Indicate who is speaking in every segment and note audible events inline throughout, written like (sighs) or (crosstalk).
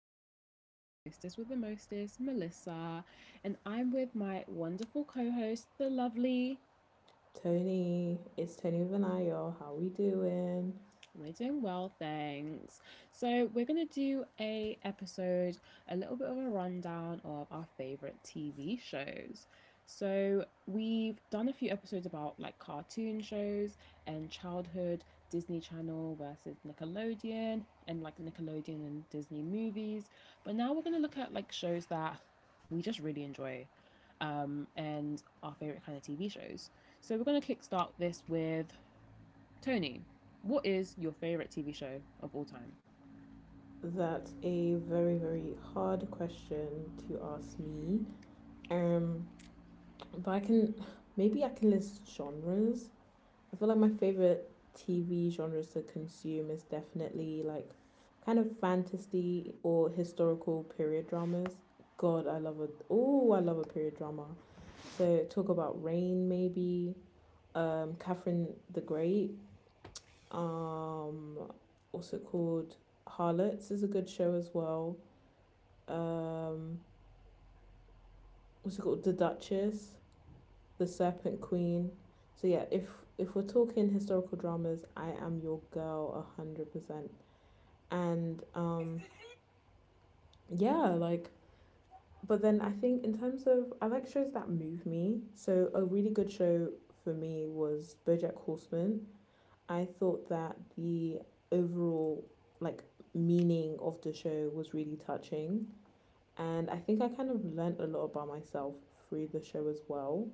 Speaker 1: Chat. It's your hostess with the mostest, Melissa, and I'm with my wonderful co host, the lovely.
Speaker 2: Tony, it's Tony Vanayo. How we doing?
Speaker 1: We're doing well, thanks. So we're gonna do a episode, a little bit of a rundown of our favorite TV shows. So we've done a few episodes about like cartoon shows and childhood Disney Channel versus Nickelodeon and like Nickelodeon and Disney movies. But now we're gonna look at like shows that we just really enjoy, and our favorite kind of TV shows. So we're gonna kickstart this with Tony, what is your favorite TV show of all time?
Speaker 2: That's a very, very hard question to ask me. Um, but I can maybe I can list genres. I feel like my favorite TV genres to consume is definitely like kind of fantasy or historical period dramas. God, I love a oh, I love a period drama. So talk about Rain maybe, Catherine the Great. Um, what's it called? Harlots is a good show as well. Um, what's it called? The Duchess, The Serpent Queen. So yeah, if we're talking historical dramas, I am your girl 100%. And yeah, like, but then I think in terms of I like shows that move me. So a really good show for me was BoJack Horseman. I thought that the overall like meaning of the show was really touching, and I think I kind of learned a lot about myself through the show as well.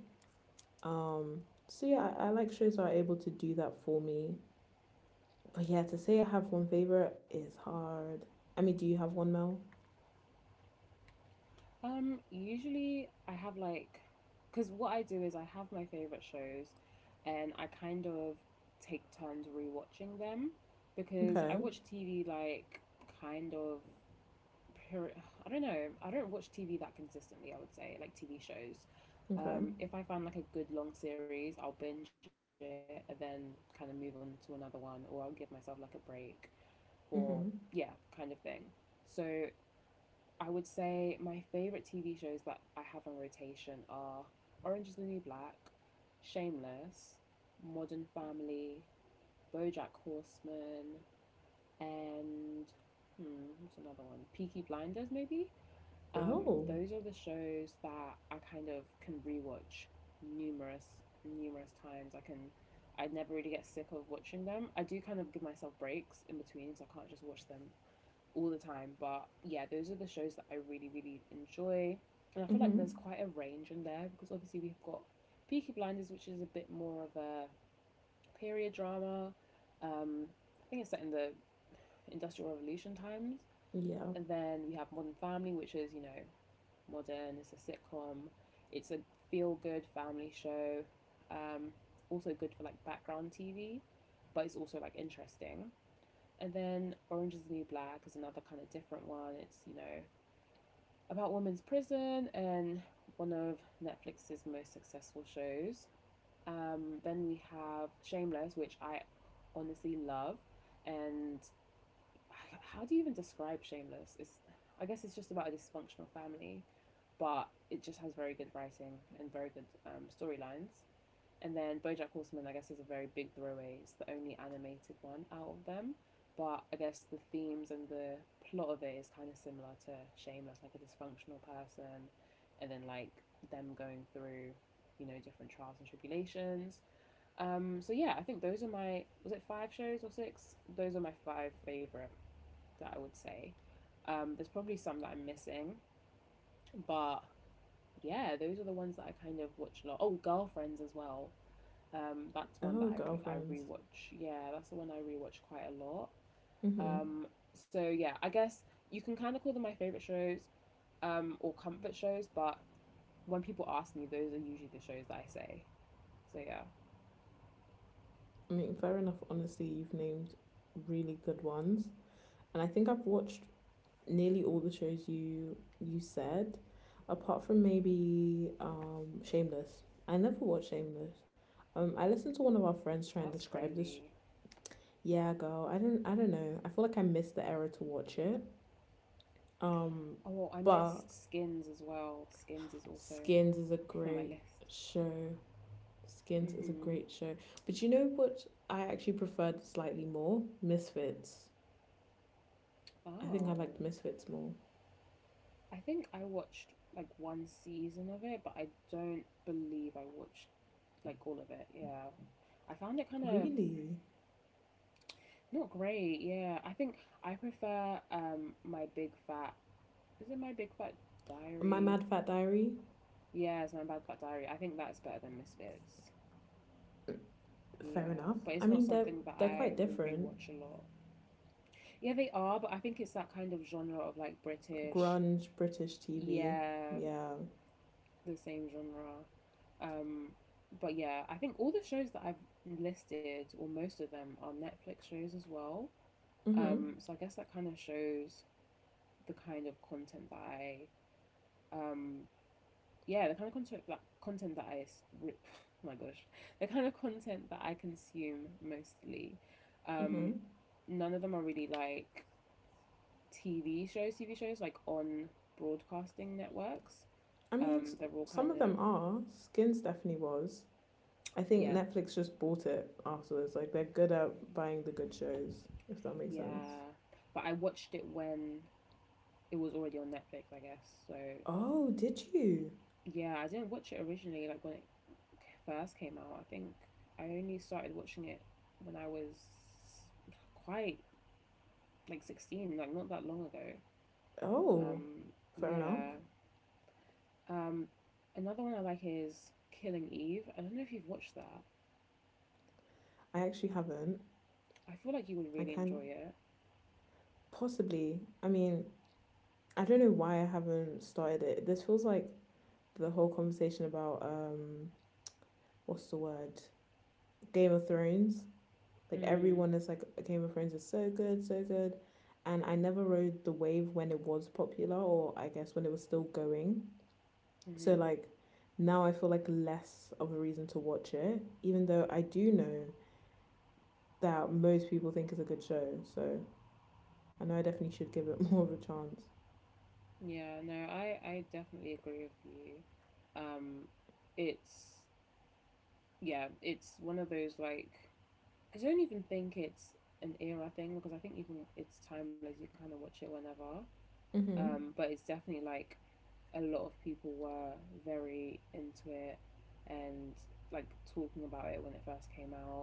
Speaker 2: Um so yeah, I like shows that are able to do that for me. But yeah, to say I have one favorite is hard. I mean, do you have one, Mel?
Speaker 1: Usually I have like, because what I do is I have my favorite shows, and I kind of take turns rewatching them, because I
Speaker 2: Okay.
Speaker 1: watch TV like kind of per I don't know. I don't watch TV that consistently. I would say like TV shows.
Speaker 2: Okay.
Speaker 1: If I find like a good long series, I'll binge it and then kind of move on to another one, or I'll give myself like a break, or
Speaker 2: Mhm.
Speaker 1: yeah, kind of thing. So I would say my favorite TV shows that I have on rotation are Orange is the New Black, Shameless, Modern Family, BoJack Horseman, and hmm, what's another one? Peaky Blinders, maybe.
Speaker 2: Oh.
Speaker 1: Those are the shows that I kind of can rewatch numerous, numerous times. I can, I never really get sick of watching them. I do kind of give myself breaks in between, so I can't just watch them all the time. But yeah, those are the shows that I really, really enjoy. And I feel like there's
Speaker 2: Mhm.
Speaker 1: quite a range in there because obviously we've got Peaky Blinders, which is a bit more of a period drama. Um, I think it's set in the Industrial Revolution times.
Speaker 2: Yeah.
Speaker 1: And then we have Modern Family, which is, you know, modern, it's a sitcom, it's a feel good family show. Um, Also good for like background TV, but it's also like interesting. And then Orange is the New Black is another kind of different one. It's, you know, about women's prison and one of Netflix's most successful shows. Then we have Shameless, which I honestly love. And how do you even describe Shameless? It's, I guess it's just about a dysfunctional family, but it just has very good writing and very good storylines. And then BoJack Horseman, I guess, is a very big throwaway. It's the only animated one out of them, but I guess the themes and the plot of it is kind of similar to Shameless, like a dysfunctional person, and then like them going through, you know, different trials and tribulations. So yeah, I think those are my was it five shows or six? Those are my five favorite that I would say. There's probably some that I'm missing, but yeah, those are the ones that I kind of watch a lot. Oh, Girlfriends as well. That's one
Speaker 2: Oh,
Speaker 1: that I
Speaker 2: girlfriends.
Speaker 1: rewatch. Yeah, that's the one I rewatch quite a lot.
Speaker 2: Mhm.
Speaker 1: Um, so yeah, I guess you can kind of call them my favorite shows or comfort shows, but when people ask me, those are usually the shows that I say. So yeah,
Speaker 2: I mean, fair enough. Honestly, you've named really good ones, and I think I've watched nearly all the shows you said, apart from maybe Shameless. I never watched Shameless. I listened to one of our friends try and
Speaker 1: that's
Speaker 2: describe this. Sh-
Speaker 1: crazy.
Speaker 2: Yeah, girl, I don't know. I feel like I missed the era to watch it. Um,
Speaker 1: Oh, I
Speaker 2: but
Speaker 1: missed Skins as well. Skins is also
Speaker 2: Skins is a
Speaker 1: (laughs) on my
Speaker 2: great
Speaker 1: list.
Speaker 2: show. Skins is a
Speaker 1: Mhm.
Speaker 2: great show. But you know what? I actually preferred slightly more Misfits. I think I
Speaker 1: Oh,
Speaker 2: liked Misfits more.
Speaker 1: I think I watched like one season of it, but I don't believe I watched like all of it. Yeah. I found it kind of
Speaker 2: Really,
Speaker 1: not great, yeah. I think I prefer my big fat is it my big fat
Speaker 2: My
Speaker 1: diary?
Speaker 2: Mad Fat Diary.
Speaker 1: Yeah, it's my bad fat diary. I think that's better than Misfits.
Speaker 2: Fair
Speaker 1: Yeah.
Speaker 2: enough.
Speaker 1: But
Speaker 2: I
Speaker 1: it's not
Speaker 2: mean, they're
Speaker 1: something that
Speaker 2: they're
Speaker 1: I
Speaker 2: quite
Speaker 1: would
Speaker 2: different.
Speaker 1: rewatch a lot. Yeah, they are, but I think it's that kind of genre of like British
Speaker 2: Grunge, British TV.
Speaker 1: yeah,
Speaker 2: Yeah.
Speaker 1: the same genre. Um but yeah, I think all the shows that I've listed, or most of them, are Netflix shows as well.
Speaker 2: Mhm.
Speaker 1: So I guess that kind of shows the kind of content that I um yeah, the kind of content that I rip, (sighs) my gosh, the kind of content that I consume mostly, um,
Speaker 2: Mhm.
Speaker 1: none of them are really like TV shows. TV shows like on broadcasting networks.
Speaker 2: I mean, s-
Speaker 1: They're all
Speaker 2: some
Speaker 1: kind
Speaker 2: of them
Speaker 1: of
Speaker 2: are. Skins definitely was. I think
Speaker 1: yeah,
Speaker 2: Netflix just bought it afterwards. Like they're good at buying the good shows, if that makes sense.
Speaker 1: yeah. But I watched it when it was already on Netflix, I guess. So
Speaker 2: Oh, did you?
Speaker 1: yeah, I didn't watch it originally. Like when it first came out, I think I only started watching it when I was quite like 16 like not that long ago
Speaker 2: Oh, fair enough.
Speaker 1: Yeah. Um, Another one I like is Killing Eve. I don't know if you've watched that.
Speaker 2: I actually haven't.
Speaker 1: I feel like you
Speaker 2: I
Speaker 1: would really
Speaker 2: can
Speaker 1: enjoy it.
Speaker 2: possibly. I mean, I don't know why I haven't started it. This feels like the whole conversation about what's the word? Game of Thrones. Like
Speaker 1: Hmm.
Speaker 2: everyone is like Game of Thrones is so good, so good. And I never rode the wave when it was popular, or I guess when it was still going. So
Speaker 1: Mm-hmm.
Speaker 2: like now I feel like less of a reason to watch it, even though I do know that most people think is a good show. So I know I definitely should give it (laughs) more of a chance.
Speaker 1: Yeah, no, I definitely agree with you. Um, it's, yeah, it's one of those like, I don't even think it's an era thing because I think you can, it's timeless, you can kind of watch it whenever.
Speaker 2: Mhm.
Speaker 1: But it's definitely like a lot of people were very into it and like talking about it when it first came out.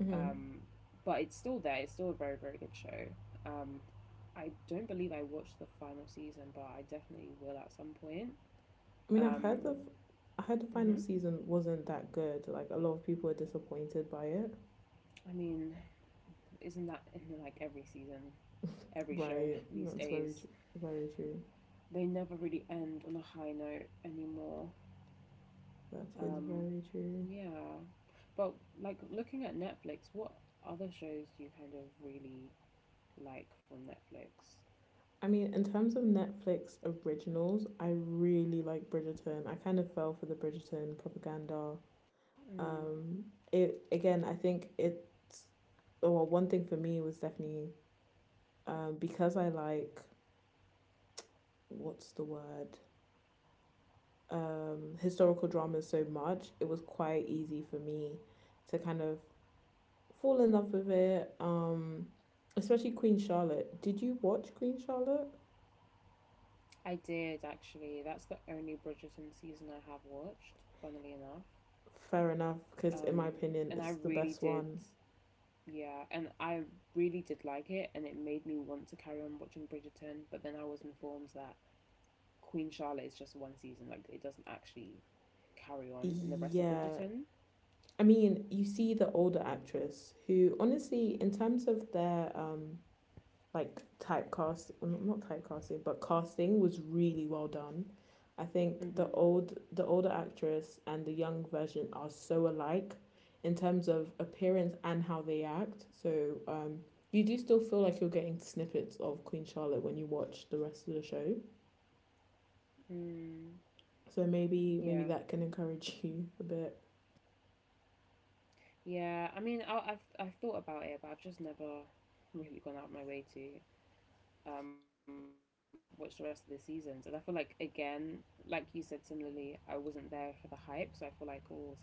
Speaker 2: Mhm.
Speaker 1: Um, but it's still there. It's still a very very good show. Um, I don't believe I watched the final season, but I definitely will at some point.
Speaker 2: I mean,
Speaker 1: Um,
Speaker 2: I heard the final
Speaker 1: hmm
Speaker 2: season wasn't that good. Like a lot of people were disappointed by it.
Speaker 1: I mean, isn't that in like every season,
Speaker 2: (laughs)
Speaker 1: every show
Speaker 2: Right.
Speaker 1: (laughs) these
Speaker 2: That's very
Speaker 1: days?
Speaker 2: true. Very true.
Speaker 1: They never really end on a high note anymore.
Speaker 2: That is
Speaker 1: Um,
Speaker 2: very true.
Speaker 1: yeah. But like looking at Netflix, what other shows do you kind of really like from Netflix?
Speaker 2: I mean, in terms of Netflix originals, I really like Bridgerton. I kind of fell for the Bridgerton propaganda.
Speaker 1: Mm,
Speaker 2: Um, it again, I think it's well, one thing for me was definitely because I like what's the word historical dramas so much. It was quite easy for me to kind of fall in love with it. Especially Queen Charlotte. Did you watch Queen Charlotte?
Speaker 1: I did actually. That's the only Bridgerton season I have watched, funnily enough.
Speaker 2: Fair enough, because in my
Speaker 1: Um,
Speaker 2: opinion,
Speaker 1: and I
Speaker 2: it's the
Speaker 1: really
Speaker 2: best
Speaker 1: did,
Speaker 2: one.
Speaker 1: yeah, and I really did like it, and it made me want to carry on watching Bridgerton. But then I was informed that Queen Charlotte is just one season, like it doesn't actually carry on in the rest of
Speaker 2: Yeah.
Speaker 1: Bridgerton.
Speaker 2: I mean, you see the older actress who, honestly, in terms of their like typecast not typecasting but casting was really well done. I think
Speaker 1: Mm-hmm.
Speaker 2: the older actress and the young version are so alike in terms of appearance and how they act, so you do still feel like you're getting snippets of Queen Charlotte when you watch the rest of the show.
Speaker 1: Mm,
Speaker 2: So maybe
Speaker 1: yeah.
Speaker 2: that can encourage (laughs) you a bit.
Speaker 1: Yeah, I mean, I've thought about it, but I've just never really gone out of my way to watch the rest of the seasons. And I feel like again, like you said, similarly, I wasn't there for the hype, so I feel like oh, it's a bit late now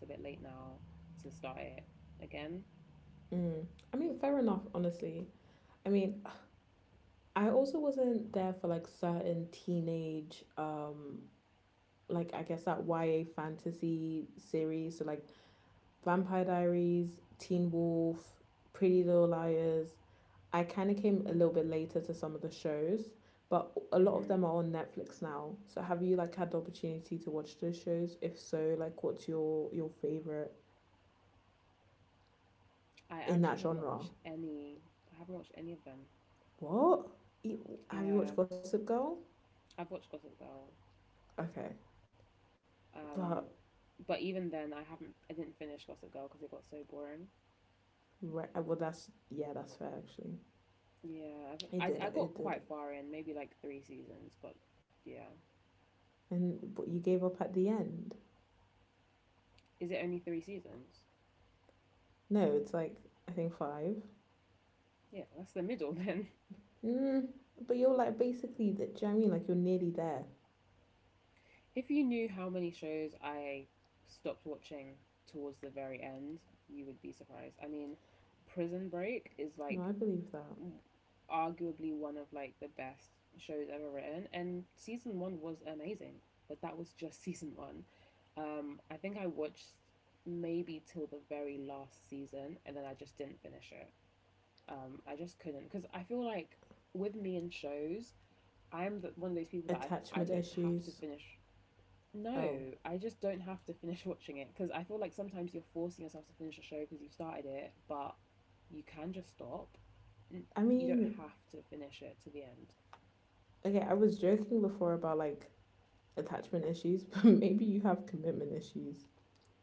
Speaker 1: to start it again.
Speaker 2: Mm. I mean, fair enough, honestly. I mean, I also wasn't there for like certain teenage like I guess that YA fantasy series. So like Vampire Diaries, Teen Wolf, Pretty Little Liars. I kind of came a little bit later to some of the shows, but a lot of
Speaker 1: Hmm.
Speaker 2: them are on Netflix now. So have you like had the opportunity to watch those shows? If so, like what's your favorite
Speaker 1: I
Speaker 2: in that
Speaker 1: actually have not
Speaker 2: genre?
Speaker 1: watched any. I haven't watched any of them.
Speaker 2: What? You- Have you watched
Speaker 1: Yeah,
Speaker 2: Gossip Girl?
Speaker 1: I've watched Gossip Girl.
Speaker 2: Okay, but
Speaker 1: Um, but even then, I haven't. I didn't finish Gossip Girl because it got so boring.
Speaker 2: right, well that's yeah, that's fair actually.
Speaker 1: Yeah, I got
Speaker 2: It did,
Speaker 1: quite far in, maybe like three seasons, but yeah.
Speaker 2: and but you gave up at the end.
Speaker 1: Is it only three seasons?
Speaker 2: No, it's like I think five.
Speaker 1: Yeah, that's the middle (laughs) then.
Speaker 2: Mm, but you're like basically the, do you know what I mean? Like you're nearly there.
Speaker 1: If you knew how many shows I stopped watching towards the very end, you would be surprised. I mean, Prison Break is
Speaker 2: No,
Speaker 1: like
Speaker 2: I believe that.
Speaker 1: arguably one of like the best shows ever written, and season one was amazing, but that was just (laughs) season one. I think I watched maybe till the very last season, and then I just didn't finish it. I just couldn't because I feel like with me and shows, one of those people that I
Speaker 2: Attachment
Speaker 1: don't have to
Speaker 2: issues.
Speaker 1: finish.
Speaker 2: Oh.
Speaker 1: No, I just don't have to finish (laughs) watching it because I feel like sometimes you're forcing yourself to finish a show because you started it, but you can just stop.
Speaker 2: I
Speaker 1: You don't
Speaker 2: mean,
Speaker 1: have to finish it to the end.
Speaker 2: okay, I was joking before about like attachment issues, (laughs) but maybe you have commitment issues.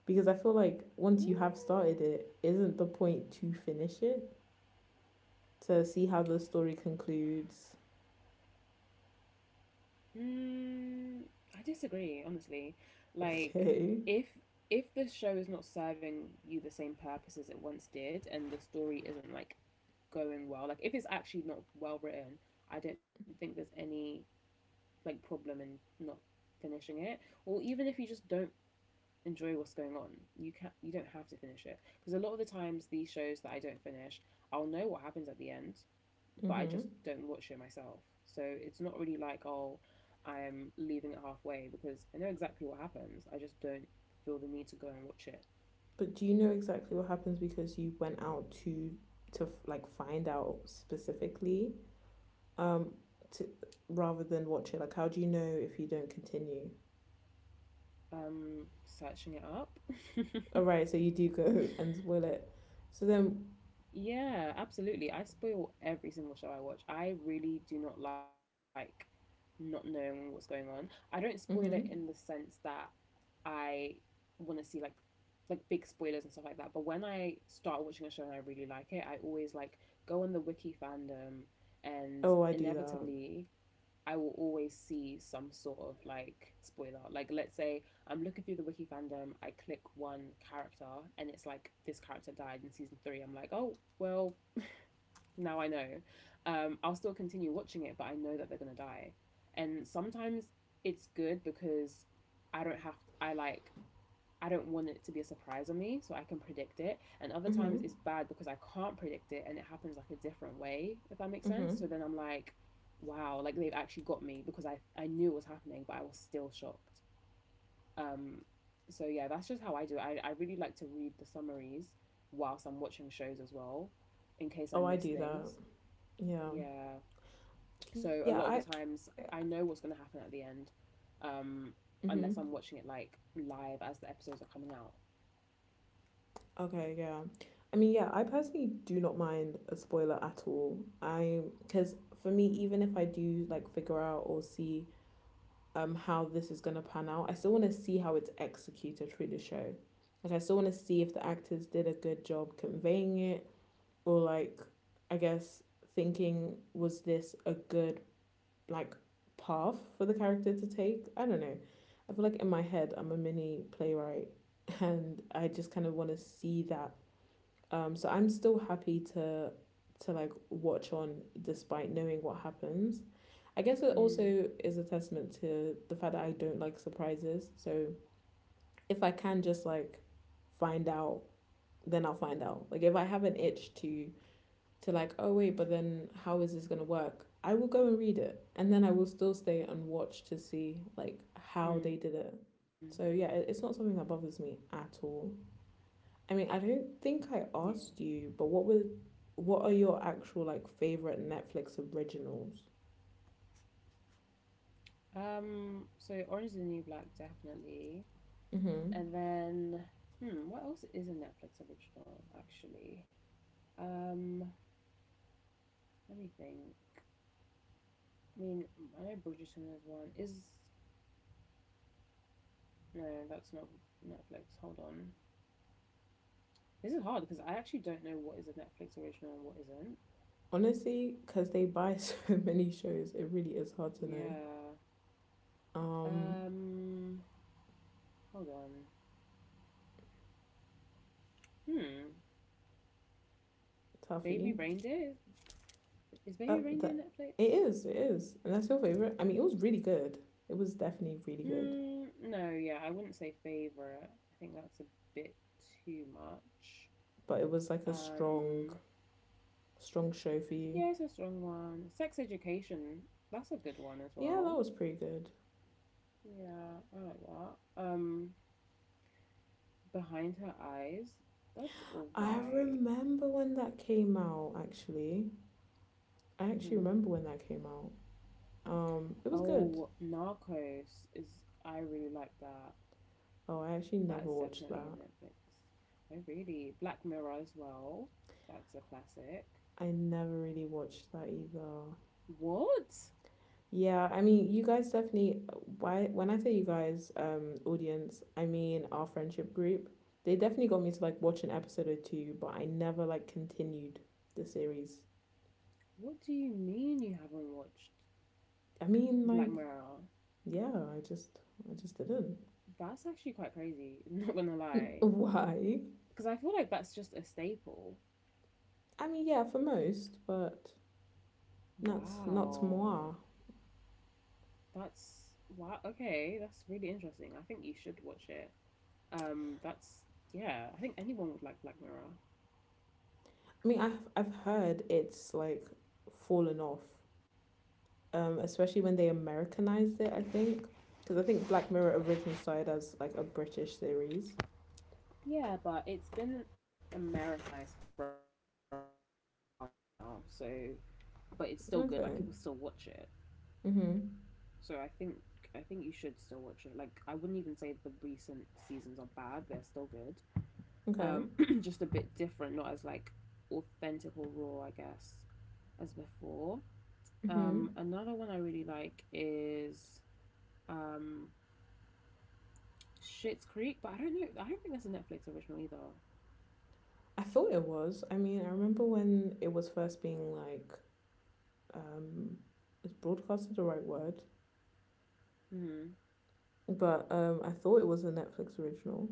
Speaker 2: Because I feel like once you have started it, isn't the point to finish it? To see how the story concludes. (laughs)
Speaker 1: Mm, mm, I disagree, honestly. Like,
Speaker 2: Okay.
Speaker 1: if if this show is not serving you the same purpose as it once did, and the story isn't like going well, like if it's actually not well written, I don't think there's any like problem in not finishing it, or even if you just don't enjoy what's going on, you don't have to finish it because a lot of the times these shows that I don't finish, I'll know what happens at the end, but I just
Speaker 2: Mm-hmm.
Speaker 1: don't watch it myself. So it's not really like oh, I'm leaving it halfway because I know exactly what happens. I just don't feel the need to go and watch it.
Speaker 2: But do you know exactly what happens because you went out to like find out specifically um to rather than watch it? Like how do you know if you don't continue?
Speaker 1: Searching it up.
Speaker 2: All
Speaker 1: (laughs)
Speaker 2: right, so you do go (laughs) and spoil it. So then,
Speaker 1: Yeah, absolutely. I spoil every single show I watch. I really do not like not knowing what's going on. I don't spoil it in the
Speaker 2: mm-hmm.
Speaker 1: sense that I want to see like big spoilers and stuff like that. But when I start watching a show and I really like it, I always like go on the wiki fandom and
Speaker 2: Oh, I do that.
Speaker 1: inevitably I will always see some sort of like spoiler. Like let's say I'm looking through the wiki fandom, I click one character and it's like this character died in season 3. I'm like, "Oh, well, now I know. I'll still continue watching it, but I know that they're gonna die. And sometimes it's good because I don't have to, I like I don't want it to be a surprise on me, so I can predict it. And other
Speaker 2: Mm-hmm.
Speaker 1: times it's bad because I can't predict it and it happens like a different way, if that makes sense.
Speaker 2: Mm-hmm.
Speaker 1: So then I'm like, wow, like they've actually got me because I knew it was happening, but I was still shocked. Um, so yeah, that's just how I do it. I really like to read the summaries whilst I'm watching shows as well, in case I
Speaker 2: Oh, I
Speaker 1: miss
Speaker 2: do that.
Speaker 1: things.
Speaker 2: Yeah.
Speaker 1: Yeah.
Speaker 2: Yeah,
Speaker 1: So a
Speaker 2: I
Speaker 1: lot of the times I know what's going to happen at the end, um,
Speaker 2: mm-hmm.
Speaker 1: unless I'm watching it like live as the episodes are coming out.
Speaker 2: Okay, yeah. I mean, yeah, I personally do not mind a spoiler at all. I because for me, even if I do like figure out or see how this is gonna pan out. I still want to see how it's executed through the show. Like I still want to see if the actors did a good job conveying it, or like I guess thinking was this a good like path for the character to take. I don't know. I feel like in my head I'm a mini playwright, (laughs) and I just kind of want to see that so I'm still happy to like watch on despite knowing what happens. I guess it
Speaker 1: Mm.
Speaker 2: also is a testament to the fact that I don't like surprises. So if I can just like find out, then I'll find out. Like if I have an itch to like, oh wait, but then how is this gonna work? I will go and read it. And then I will still stay and watch to see like how they
Speaker 1: Mm.
Speaker 2: did it. So yeah, it's not something that bothers me at all. I mean, I don't think I
Speaker 1: Yeah.
Speaker 2: asked you, but what are your actual like favorite Netflix originals?
Speaker 1: So Orange is the New Black definitely,
Speaker 2: Mm-hmm.
Speaker 1: and then hmm, what else is a Netflix original actually? Um. Let me think. I mean, I know Bridgerton is one. Is no, that's not Netflix. Hold on. This is hard because I actually don't know what is a Netflix original and what isn't.
Speaker 2: Honestly, because they buy (laughs) so many shows, it really is hard to know.
Speaker 1: Yeah.
Speaker 2: Um,
Speaker 1: Um, hold on. Hmm. Baby
Speaker 2: Tuffy.
Speaker 1: Reindeer is, Baby Reindeer
Speaker 2: That
Speaker 1: Netflix?
Speaker 2: it is, and that's your favorite. I mean, it was really good. It was definitely really good,
Speaker 1: Hmm. No, yeah, I wouldn't say favorite. I think that's a bit too much.
Speaker 2: but it was like a
Speaker 1: Um,
Speaker 2: strong show for you.
Speaker 1: yeah, it's a strong one. Sex Education, that's a good one as
Speaker 2: Yeah, that
Speaker 1: well.
Speaker 2: was pretty good.
Speaker 1: Yeah, I like that. Behind Her Eyes, that's
Speaker 2: I
Speaker 1: alright.
Speaker 2: remember when that came out. Actually, I actually
Speaker 1: Mm-hmm.
Speaker 2: remember when that came out. It was good.
Speaker 1: Oh, Narcos is I really like that.
Speaker 2: Oh, I actually
Speaker 1: That is
Speaker 2: never watched
Speaker 1: definitely a
Speaker 2: that.
Speaker 1: Netflix. Oh, really? Black Mirror as well. That's a classic.
Speaker 2: I never really watched that either.
Speaker 1: What?
Speaker 2: Yeah, I mean, you guys definitely. Why? When I say you guys, audience, I mean our friendship group. They definitely got me to like watch an episode or two, but I never like continued the series.
Speaker 1: What do you mean you haven't watched
Speaker 2: I mean,
Speaker 1: Black
Speaker 2: like,
Speaker 1: Mirror?
Speaker 2: yeah, I just didn't.
Speaker 1: That's actually quite crazy. (laughs) Not gonna
Speaker 2: N-
Speaker 1: lie,
Speaker 2: Why?
Speaker 1: because I feel like that's just a staple.
Speaker 2: I mean, yeah, for most, but not
Speaker 1: Wow.
Speaker 2: moi.
Speaker 1: That's wow. Okay, that's really interesting. I think you should watch it. That's yeah. I think anyone would like Black Mirror.
Speaker 2: I mean, I've heard it's like fallen off especially when they Americanized it. I think because I think Black Mirror originally started as like a British series.
Speaker 1: Yeah, but it's been Americanized for a while now, so but it's still good. Like people still watch
Speaker 2: Okay.
Speaker 1: it,
Speaker 2: Mhm.
Speaker 1: so I think you should still watch it. Like I wouldn't even say the recent seasons are bad; they're still good. Um,
Speaker 2: Okay.
Speaker 1: (clears throat) just a bit different, not as like authentic or raw, I guess, as before.
Speaker 2: Mhm.
Speaker 1: Another one I really like is um, Shit's Creek, but I don't know. I don't think that's a Netflix original either.
Speaker 2: I thought it was. I mean, I remember when it was first being like um, is broadcasted the right word?
Speaker 1: Hmm.
Speaker 2: But I thought it was a Netflix original.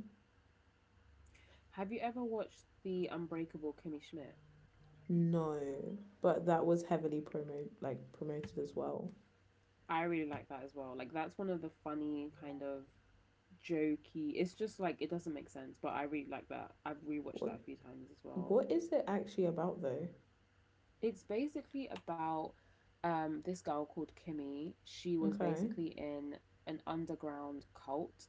Speaker 1: Have you ever watched the Unbreakable Kimmy Schmidt?
Speaker 2: No, but that was heavily promoted as well.
Speaker 1: I really like that as well. Like that's one of the funny kind of jokey. It's just like it doesn't make sense, but I really like that. I've rewatched
Speaker 2: What
Speaker 1: that a few times as well.
Speaker 2: what is it actually about though?
Speaker 1: It's basically about this girl called Kimmy. She was
Speaker 2: Okay.
Speaker 1: basically in an underground cult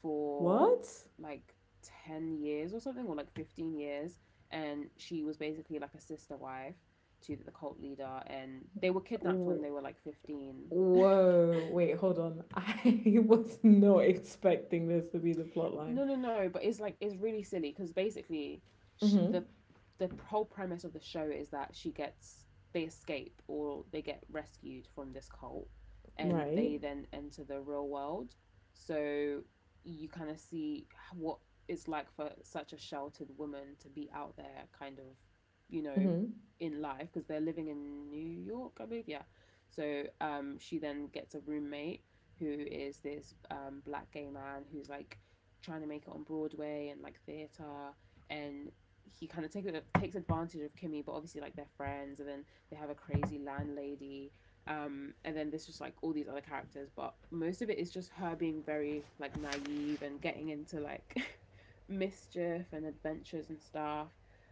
Speaker 1: for
Speaker 2: What?
Speaker 1: like 10 years or something or like 15 years, and she was basically like a sister wife to the cult leader, and they were kidnapped when they were like 15.
Speaker 2: Whoa, wait, hold on. I (laughs) was not expecting this to be the plot line.
Speaker 1: No, no, no. But it's like it's really silly because basically, sh
Speaker 2: Mm-hmm.
Speaker 1: the whole premise of the show is that she gets they escape or they get rescued from this cult, and
Speaker 2: Right.
Speaker 1: they then enter the real world. So you kind of see what it's like for such a sheltered woman to be out there, kind of, you know,
Speaker 2: Mm-hmm.
Speaker 1: in life because they're living in New York, I believe. Yeah. So she then gets a roommate who is this black gay man who's like trying to make it on Broadway and like theater, and he kind of takes advantage of Kimmy, but obviously like they're friends, and then they have a crazy landlady, and then there's just like all these other characters, but most of it is just her being very like naive and getting into like (laughs) mischief and adventures and stuff,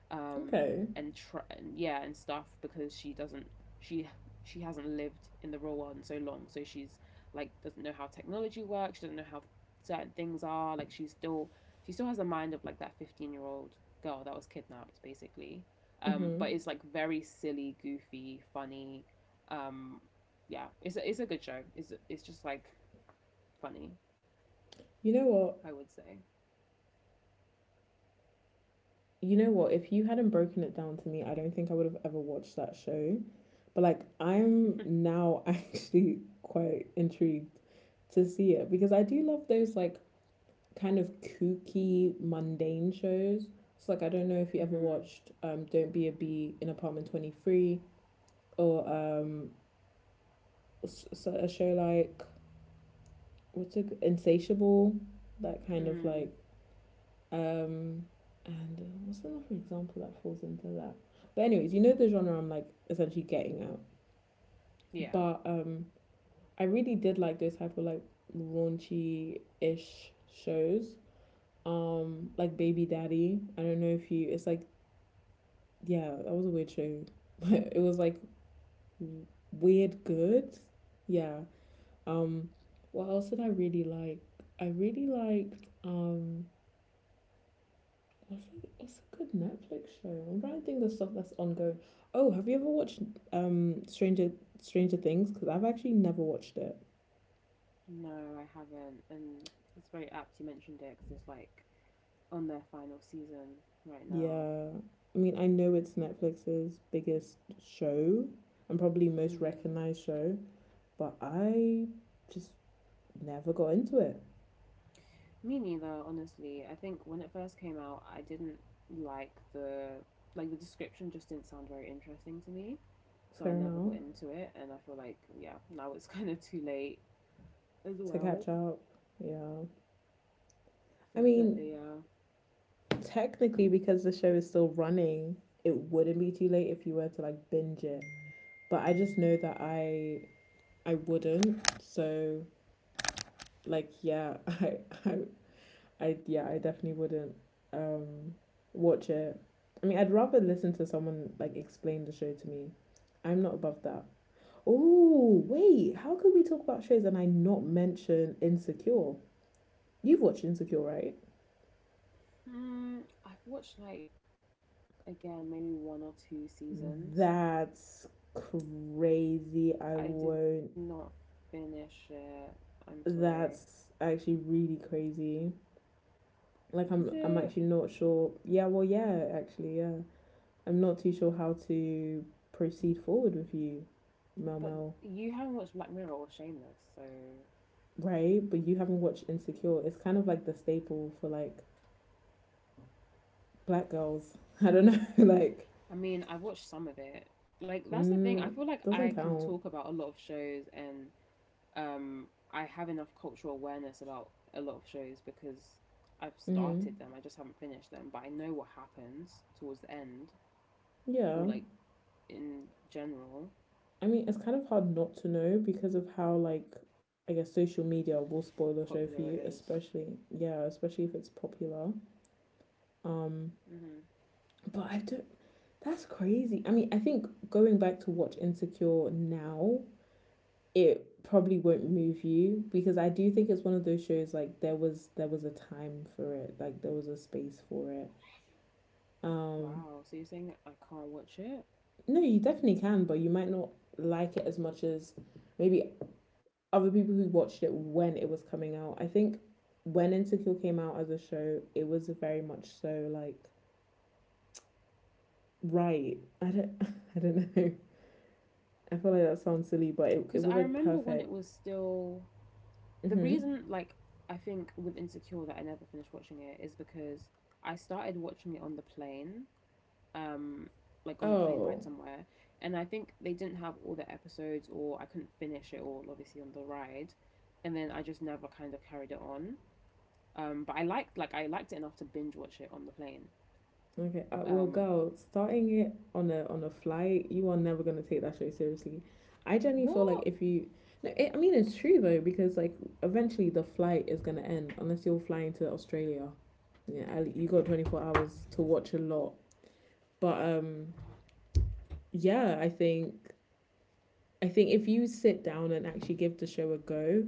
Speaker 1: um,
Speaker 2: Okay.
Speaker 1: and yeah and stuff because she doesn't she she hasn't lived in the real world in so long, so she's like doesn't know how technology works, she doesn't know how certain things are. Like she still has the mind of like that 15 year old girl that was kidnapped, basically. But
Speaker 2: Mm-hmm.
Speaker 1: it's like very silly, goofy, funny. Um, yeah, it's a good show. It's just like funny,
Speaker 2: You know
Speaker 1: I
Speaker 2: what?
Speaker 1: would say.
Speaker 2: You know what? If you hadn't broken it down to me, I don't think I would have ever watched that show. But like, I'm
Speaker 1: (laughs)
Speaker 2: now (laughs) actually quite intrigued to see it because I do love those like kind of kooky, mundane shows. So like, I don't know if you ever
Speaker 1: Hmm.
Speaker 2: watched Don't Be a Bee in Apartment 23 or so a show like what's it insatiable, that kind of
Speaker 1: Mm.
Speaker 2: like um and what's another example that falls into that, but anyways you know the genre I'm like essentially getting at.
Speaker 1: Yeah.
Speaker 2: But I really did like those type of like raunchy ish shows, like Baby Daddy. I don't know if you it's like yeah that was a weird show. (laughs) It was like weird good. Yeah. Um, what else did I really like? I really liked what's a good Netflix show? I'm trying to think of stuff that's ongoing. Oh, have you ever watched um Stranger Stranger Things? Because I've actually never watched it.
Speaker 1: No, I haven't, and it's very apt you mentioned it because it's like on their final season right now.
Speaker 2: Yeah. I mean, I know it's Netflix's biggest show and probably most
Speaker 1: Hmm.
Speaker 2: recognized show, but I just never got into it.
Speaker 1: Me neither, honestly. I think when it first came out, I didn't like the description just didn't sound very interesting to me. So I
Speaker 2: Fair
Speaker 1: never
Speaker 2: enough.
Speaker 1: got into it and I feel like yeah, now it's (laughs) kind of too late as
Speaker 2: To
Speaker 1: well.
Speaker 2: catch up. Yeah. I mean,
Speaker 1: Definitely, yeah.
Speaker 2: technically, because the show is still running, it wouldn't be too late if you were to, like, binge it. But I just know that I wouldn't. So, like, yeah, (laughs) I I yeah, I definitely wouldn't um watch it. I mean, I'd rather listen to someone, like, explain the show to me. I'm not above that. Oh, wait, how could we talk about shows and I not mention Insecure? You've watched Insecure, right?
Speaker 1: Hmm, I've watched like again maybe one or two seasons.
Speaker 2: That's crazy. I
Speaker 1: I did not
Speaker 2: won't.
Speaker 1: finish it. I'm sorry.
Speaker 2: That's actually really crazy. Like,
Speaker 1: Is
Speaker 2: I'm
Speaker 1: it
Speaker 2: actually not sure. Yeah, well, yeah, actually, yeah. I'm not too sure how to proceed forward with you, Mel
Speaker 1: but
Speaker 2: Mel.
Speaker 1: you haven't watched Black Mirror or Shameless, so
Speaker 2: Right? But you haven't watched Insecure. It's kind of like the staple for, like, black girls. (laughs) I don't know, (laughs) like
Speaker 1: I mean, I've watched some of it. Like that's the thing. I
Speaker 2: mm,
Speaker 1: feel like I
Speaker 2: doesn't
Speaker 1: can
Speaker 2: count.
Speaker 1: talk about a lot of shows, and I have enough cultural awareness about a lot of shows because I've
Speaker 2: Mm-hmm.
Speaker 1: started them. I just haven't finished them, but I know what happens towards the end
Speaker 2: Yeah.
Speaker 1: or like in general,
Speaker 2: I mean, it's kind of hard not to know because of how, like, I guess social
Speaker 1: popular it
Speaker 2: media
Speaker 1: is.
Speaker 2: will spoil the show for you, especially yeah, especially if it's popular.
Speaker 1: Mhm.
Speaker 2: Um, but I don't. That's crazy. I mean, I think going back to watch Insecure now, it probably won't move you because I do think it's one of those shows like there was a time for it, like there was a space for it.
Speaker 1: Wow. So you're saying
Speaker 2: Um,
Speaker 1: I can't watch it?
Speaker 2: no, you definitely can, but you might not like it as much as maybe other people who watched it when it was coming out. I think when Insecure came out as a show, it was very much so like right. I don't (laughs) I don't know. I feel like that
Speaker 1: Cuz
Speaker 2: sounds
Speaker 1: I
Speaker 2: silly, but
Speaker 1: remember
Speaker 2: it,
Speaker 1: when
Speaker 2: it
Speaker 1: it
Speaker 2: was
Speaker 1: was
Speaker 2: like perfect.
Speaker 1: still the reason like I
Speaker 2: Mm-hmm.
Speaker 1: think with Insecure that I never finished watching it is because I started watching it on the plane, um, like on a plane ride somewhere,
Speaker 2: Oh.
Speaker 1: and I think they didn't have all the episodes, or I couldn't finish it all, obviously on the ride, and then I just never kind of carried it on. But I liked it enough to binge watch it on the plane.
Speaker 2: Okay. Well,
Speaker 1: Um,
Speaker 2: girl, starting it on a flight, you are never gonna take that show seriously. I genuinely feel like
Speaker 1: what?
Speaker 2: if you, no, it, I mean it's true though because, like, eventually the flight is gonna end unless you're flying to Australia. Yeah, you got 24 hours to watch a lot. But yeah, I think if you sit down and actually give the show a go,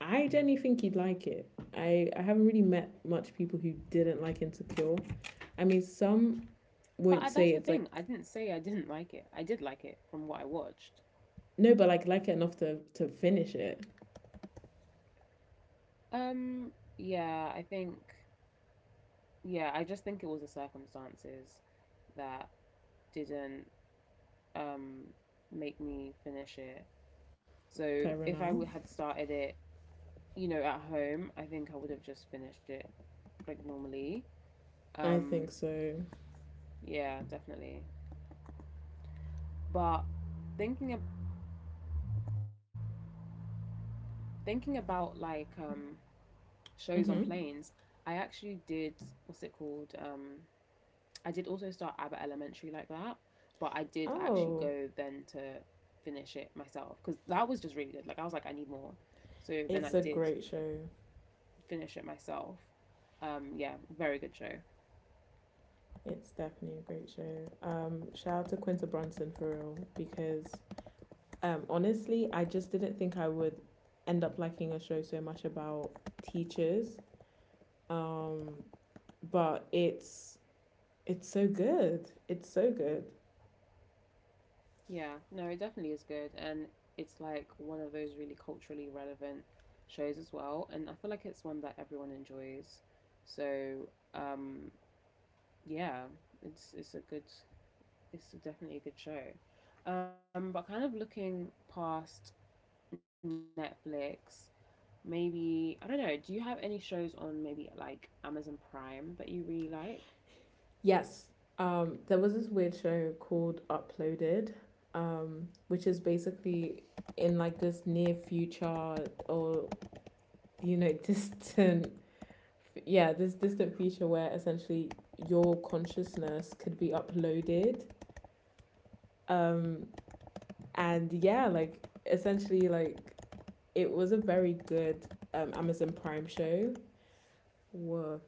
Speaker 2: I generally think you'd like it. I haven't really met much people who didn't like Insecure. I mean, some
Speaker 1: But
Speaker 2: won't
Speaker 1: that's
Speaker 2: say
Speaker 1: the
Speaker 2: it's
Speaker 1: thing. I
Speaker 2: like
Speaker 1: didn't say I didn't like it. I did like it from what I watched.
Speaker 2: no, but like it enough to finish it.
Speaker 1: Um, yeah, I think. Yeah, I just think it was the circumstances that didn't um make me finish it. So
Speaker 2: Fair
Speaker 1: if I
Speaker 2: enough.
Speaker 1: would had started it you know, at home, I think I would have just finished it like normally.
Speaker 2: I think
Speaker 1: Um,
Speaker 2: so.
Speaker 1: yeah, definitely. But thinking of thinking about like shows on
Speaker 2: Mm-hmm.
Speaker 1: planes, I actually did what's it called? I did also start Abbott Elementary like that, but I did actually
Speaker 2: Oh,
Speaker 1: go then to finish it myself because that was just really good. Like I was like, I need more, so then I
Speaker 2: it's a
Speaker 1: did
Speaker 2: great show.
Speaker 1: finish it myself. Yeah, very good show.
Speaker 2: It's definitely a great show. Shout out to Quinta Brunson for real because, honestly, I just didn't think I would end up liking a show so much about teachers. Um, but it's so good. It's so good.
Speaker 1: Yeah, no, it definitely is good. And it's like one of those really culturally relevant shows as well. And I feel like it's one that everyone enjoys. So, um, yeah, it's a good it's definitely a good show. But kind of looking past Netflix, maybe I don't know, do you have any shows on maybe like Amazon Prime that you really like?
Speaker 2: Yes. There was this weird show called Uploaded, which is basically in, like, this near future or, (laughs) distant, yeah, this distant future where essentially your consciousness could be uploaded. Um, and yeah, like essentially, like, it was a very good Amazon Prime show. Woof.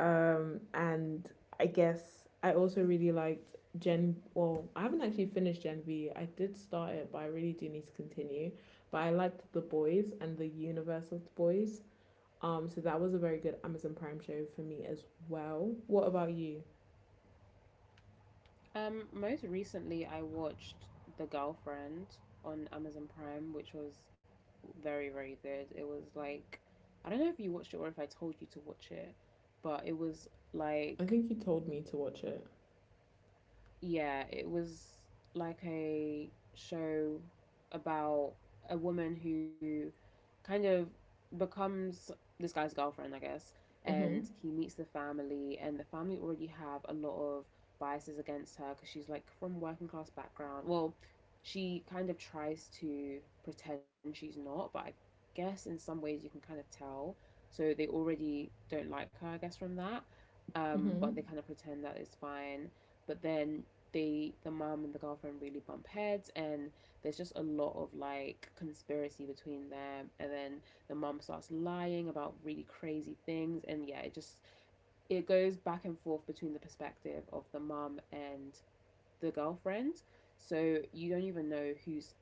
Speaker 2: And I guess I also really liked Gen, well, I haven't actually finished Gen V. I did start it, but I really do need to continue. But I liked The Boys and the universe of The Boys. So that was a very good Amazon Prime show for me as well. What about you?
Speaker 1: Most recently, I watched The Girlfriend on Amazon Prime, which was very, very good. It was like, I don't know if you watched it or if I told you to watch it, but it was
Speaker 2: I
Speaker 1: like
Speaker 2: think you told me to watch it.
Speaker 1: yeah, it was like a show about a woman who kind of becomes this guy's girlfriend, I guess,
Speaker 2: Mm-hmm.
Speaker 1: and he meets the family, and the family already have a lot of biases against her because she's like from working class background. Well, she kind of tries to pretend she's not, but I guess in some ways you can kind of tell. So they already don't like her, I guess, from that. But they
Speaker 2: Mm-hmm.
Speaker 1: kind of pretend that it's fine. But then the mom and the girlfriend really bump heads, and there's just a lot of like conspiracy between them, and then the mom starts lying about really crazy things, and yeah it just it goes back and forth between the perspective of the mom and the girlfriend, so you don't even know who's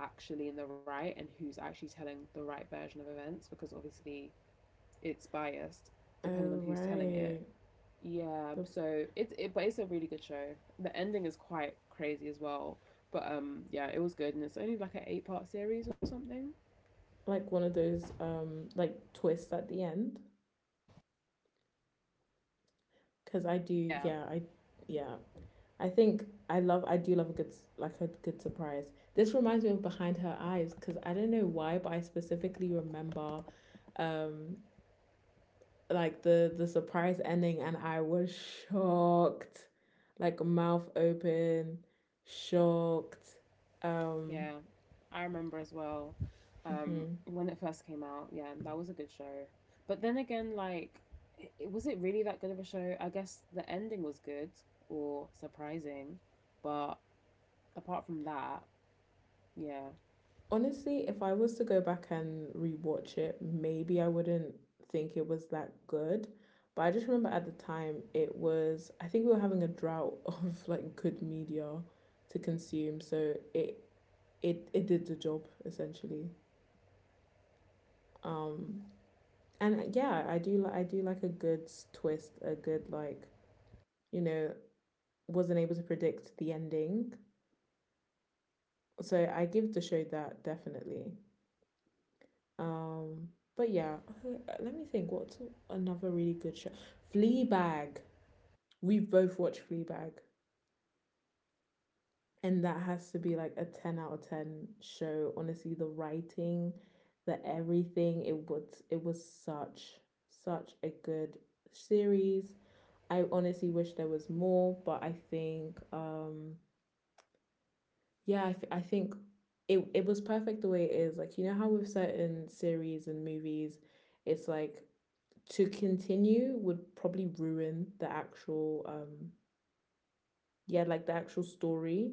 Speaker 1: actually in the right and who's actually telling the right version of events because obviously it's biased depending on
Speaker 2: Oh,
Speaker 1: who's telling it.
Speaker 2: right.
Speaker 1: Yeah,
Speaker 2: The,
Speaker 1: so but it's a really good show. The ending is quite crazy as well. But yeah, it was good, and it's only like an eight-part series or something.
Speaker 2: like, one of those like twists at the end, because I do,
Speaker 1: Yeah,
Speaker 2: yeah, I, yeah, I think I do love a good like a good surprise. This reminds me of Behind Her Eyes, because I don't know why, but I specifically remember um like the surprise ending, and I was shocked, like, mouth open shocked.
Speaker 1: yeah,
Speaker 2: um
Speaker 1: I remember as well.
Speaker 2: mhm.
Speaker 1: When it first came out, yeah, that was a good show. But then again, like, was it really that good of a show? I guess the ending was good or surprising, but apart from that, yeah,
Speaker 2: Honestly, if I was to go back and rewatch it, maybe I wouldn't think it was that good. But I just remember at the time, it was, I think, we were having a drought (laughs) of, like, good media to consume, so it did the job essentially. Um and yeah, I do like a good twist, a good, like, you know, wasn't able to predict the ending. So I give the show that, definitely. Um, but yeah, let me think. What's another really good show? Fleabag. We've both watched Fleabag, and that has to be like a 10 out of 10 show. Honestly, the writing, the everything. It was such a good series. I honestly wish there was more, but I think yeah, I, I think it was perfect the way it is. Like, you know how with certain series and movies, it's like to continue would probably ruin the actual yeah, like the actual story.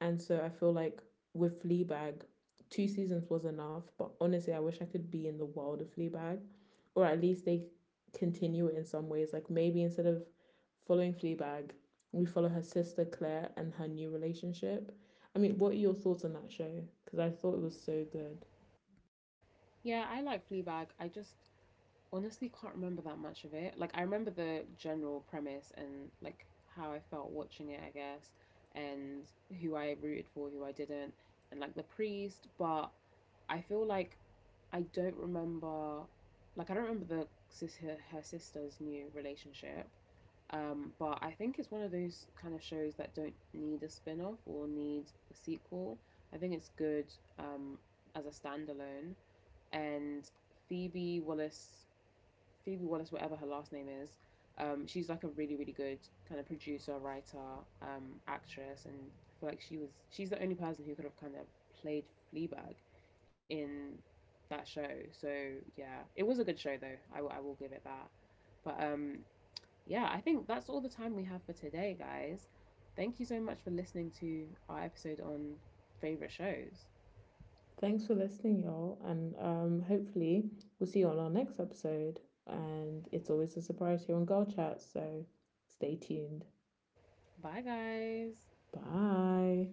Speaker 2: And so I feel like with Fleabag, 2 seasons was enough, but honestly, I wish I could be in the world of Fleabag, or at least they continue it in some ways, like maybe instead of following Fleabag, we follow her sister Claire and her new relationship. I mean, what are your thoughts on that show, because I thought it was so good.
Speaker 1: yeah, I like Fleabag. I just honestly can't remember that much of it. Like I remember the general premise and like how I felt watching it, I guess, and who I rooted for, who I didn't, and like the priest, but I feel like I don't remember I don't remember the sis her, her sister's new relationship. But I think it's one of those kind of shows that don't need a spin off or need a sequel. I think it's good um, as a standalone. And Phoebe Wallace Phoebe Wallace, whatever her last name is, she's like a really, really good kind of producer, writer, actress, and I feel like she's the only person who could have kind of played Fleabag in that show. So yeah, it was a good show though. I will give it that. But yeah, I think that's all the time we have for today, guys. Thank you so much for listening to our episode on favorite shows.
Speaker 2: Thanks for listening, y'all. And hopefully, we'll see you on our next episode. And it's always a surprise here on Girl Chat. So stay tuned.
Speaker 1: Bye, guys.
Speaker 2: Bye.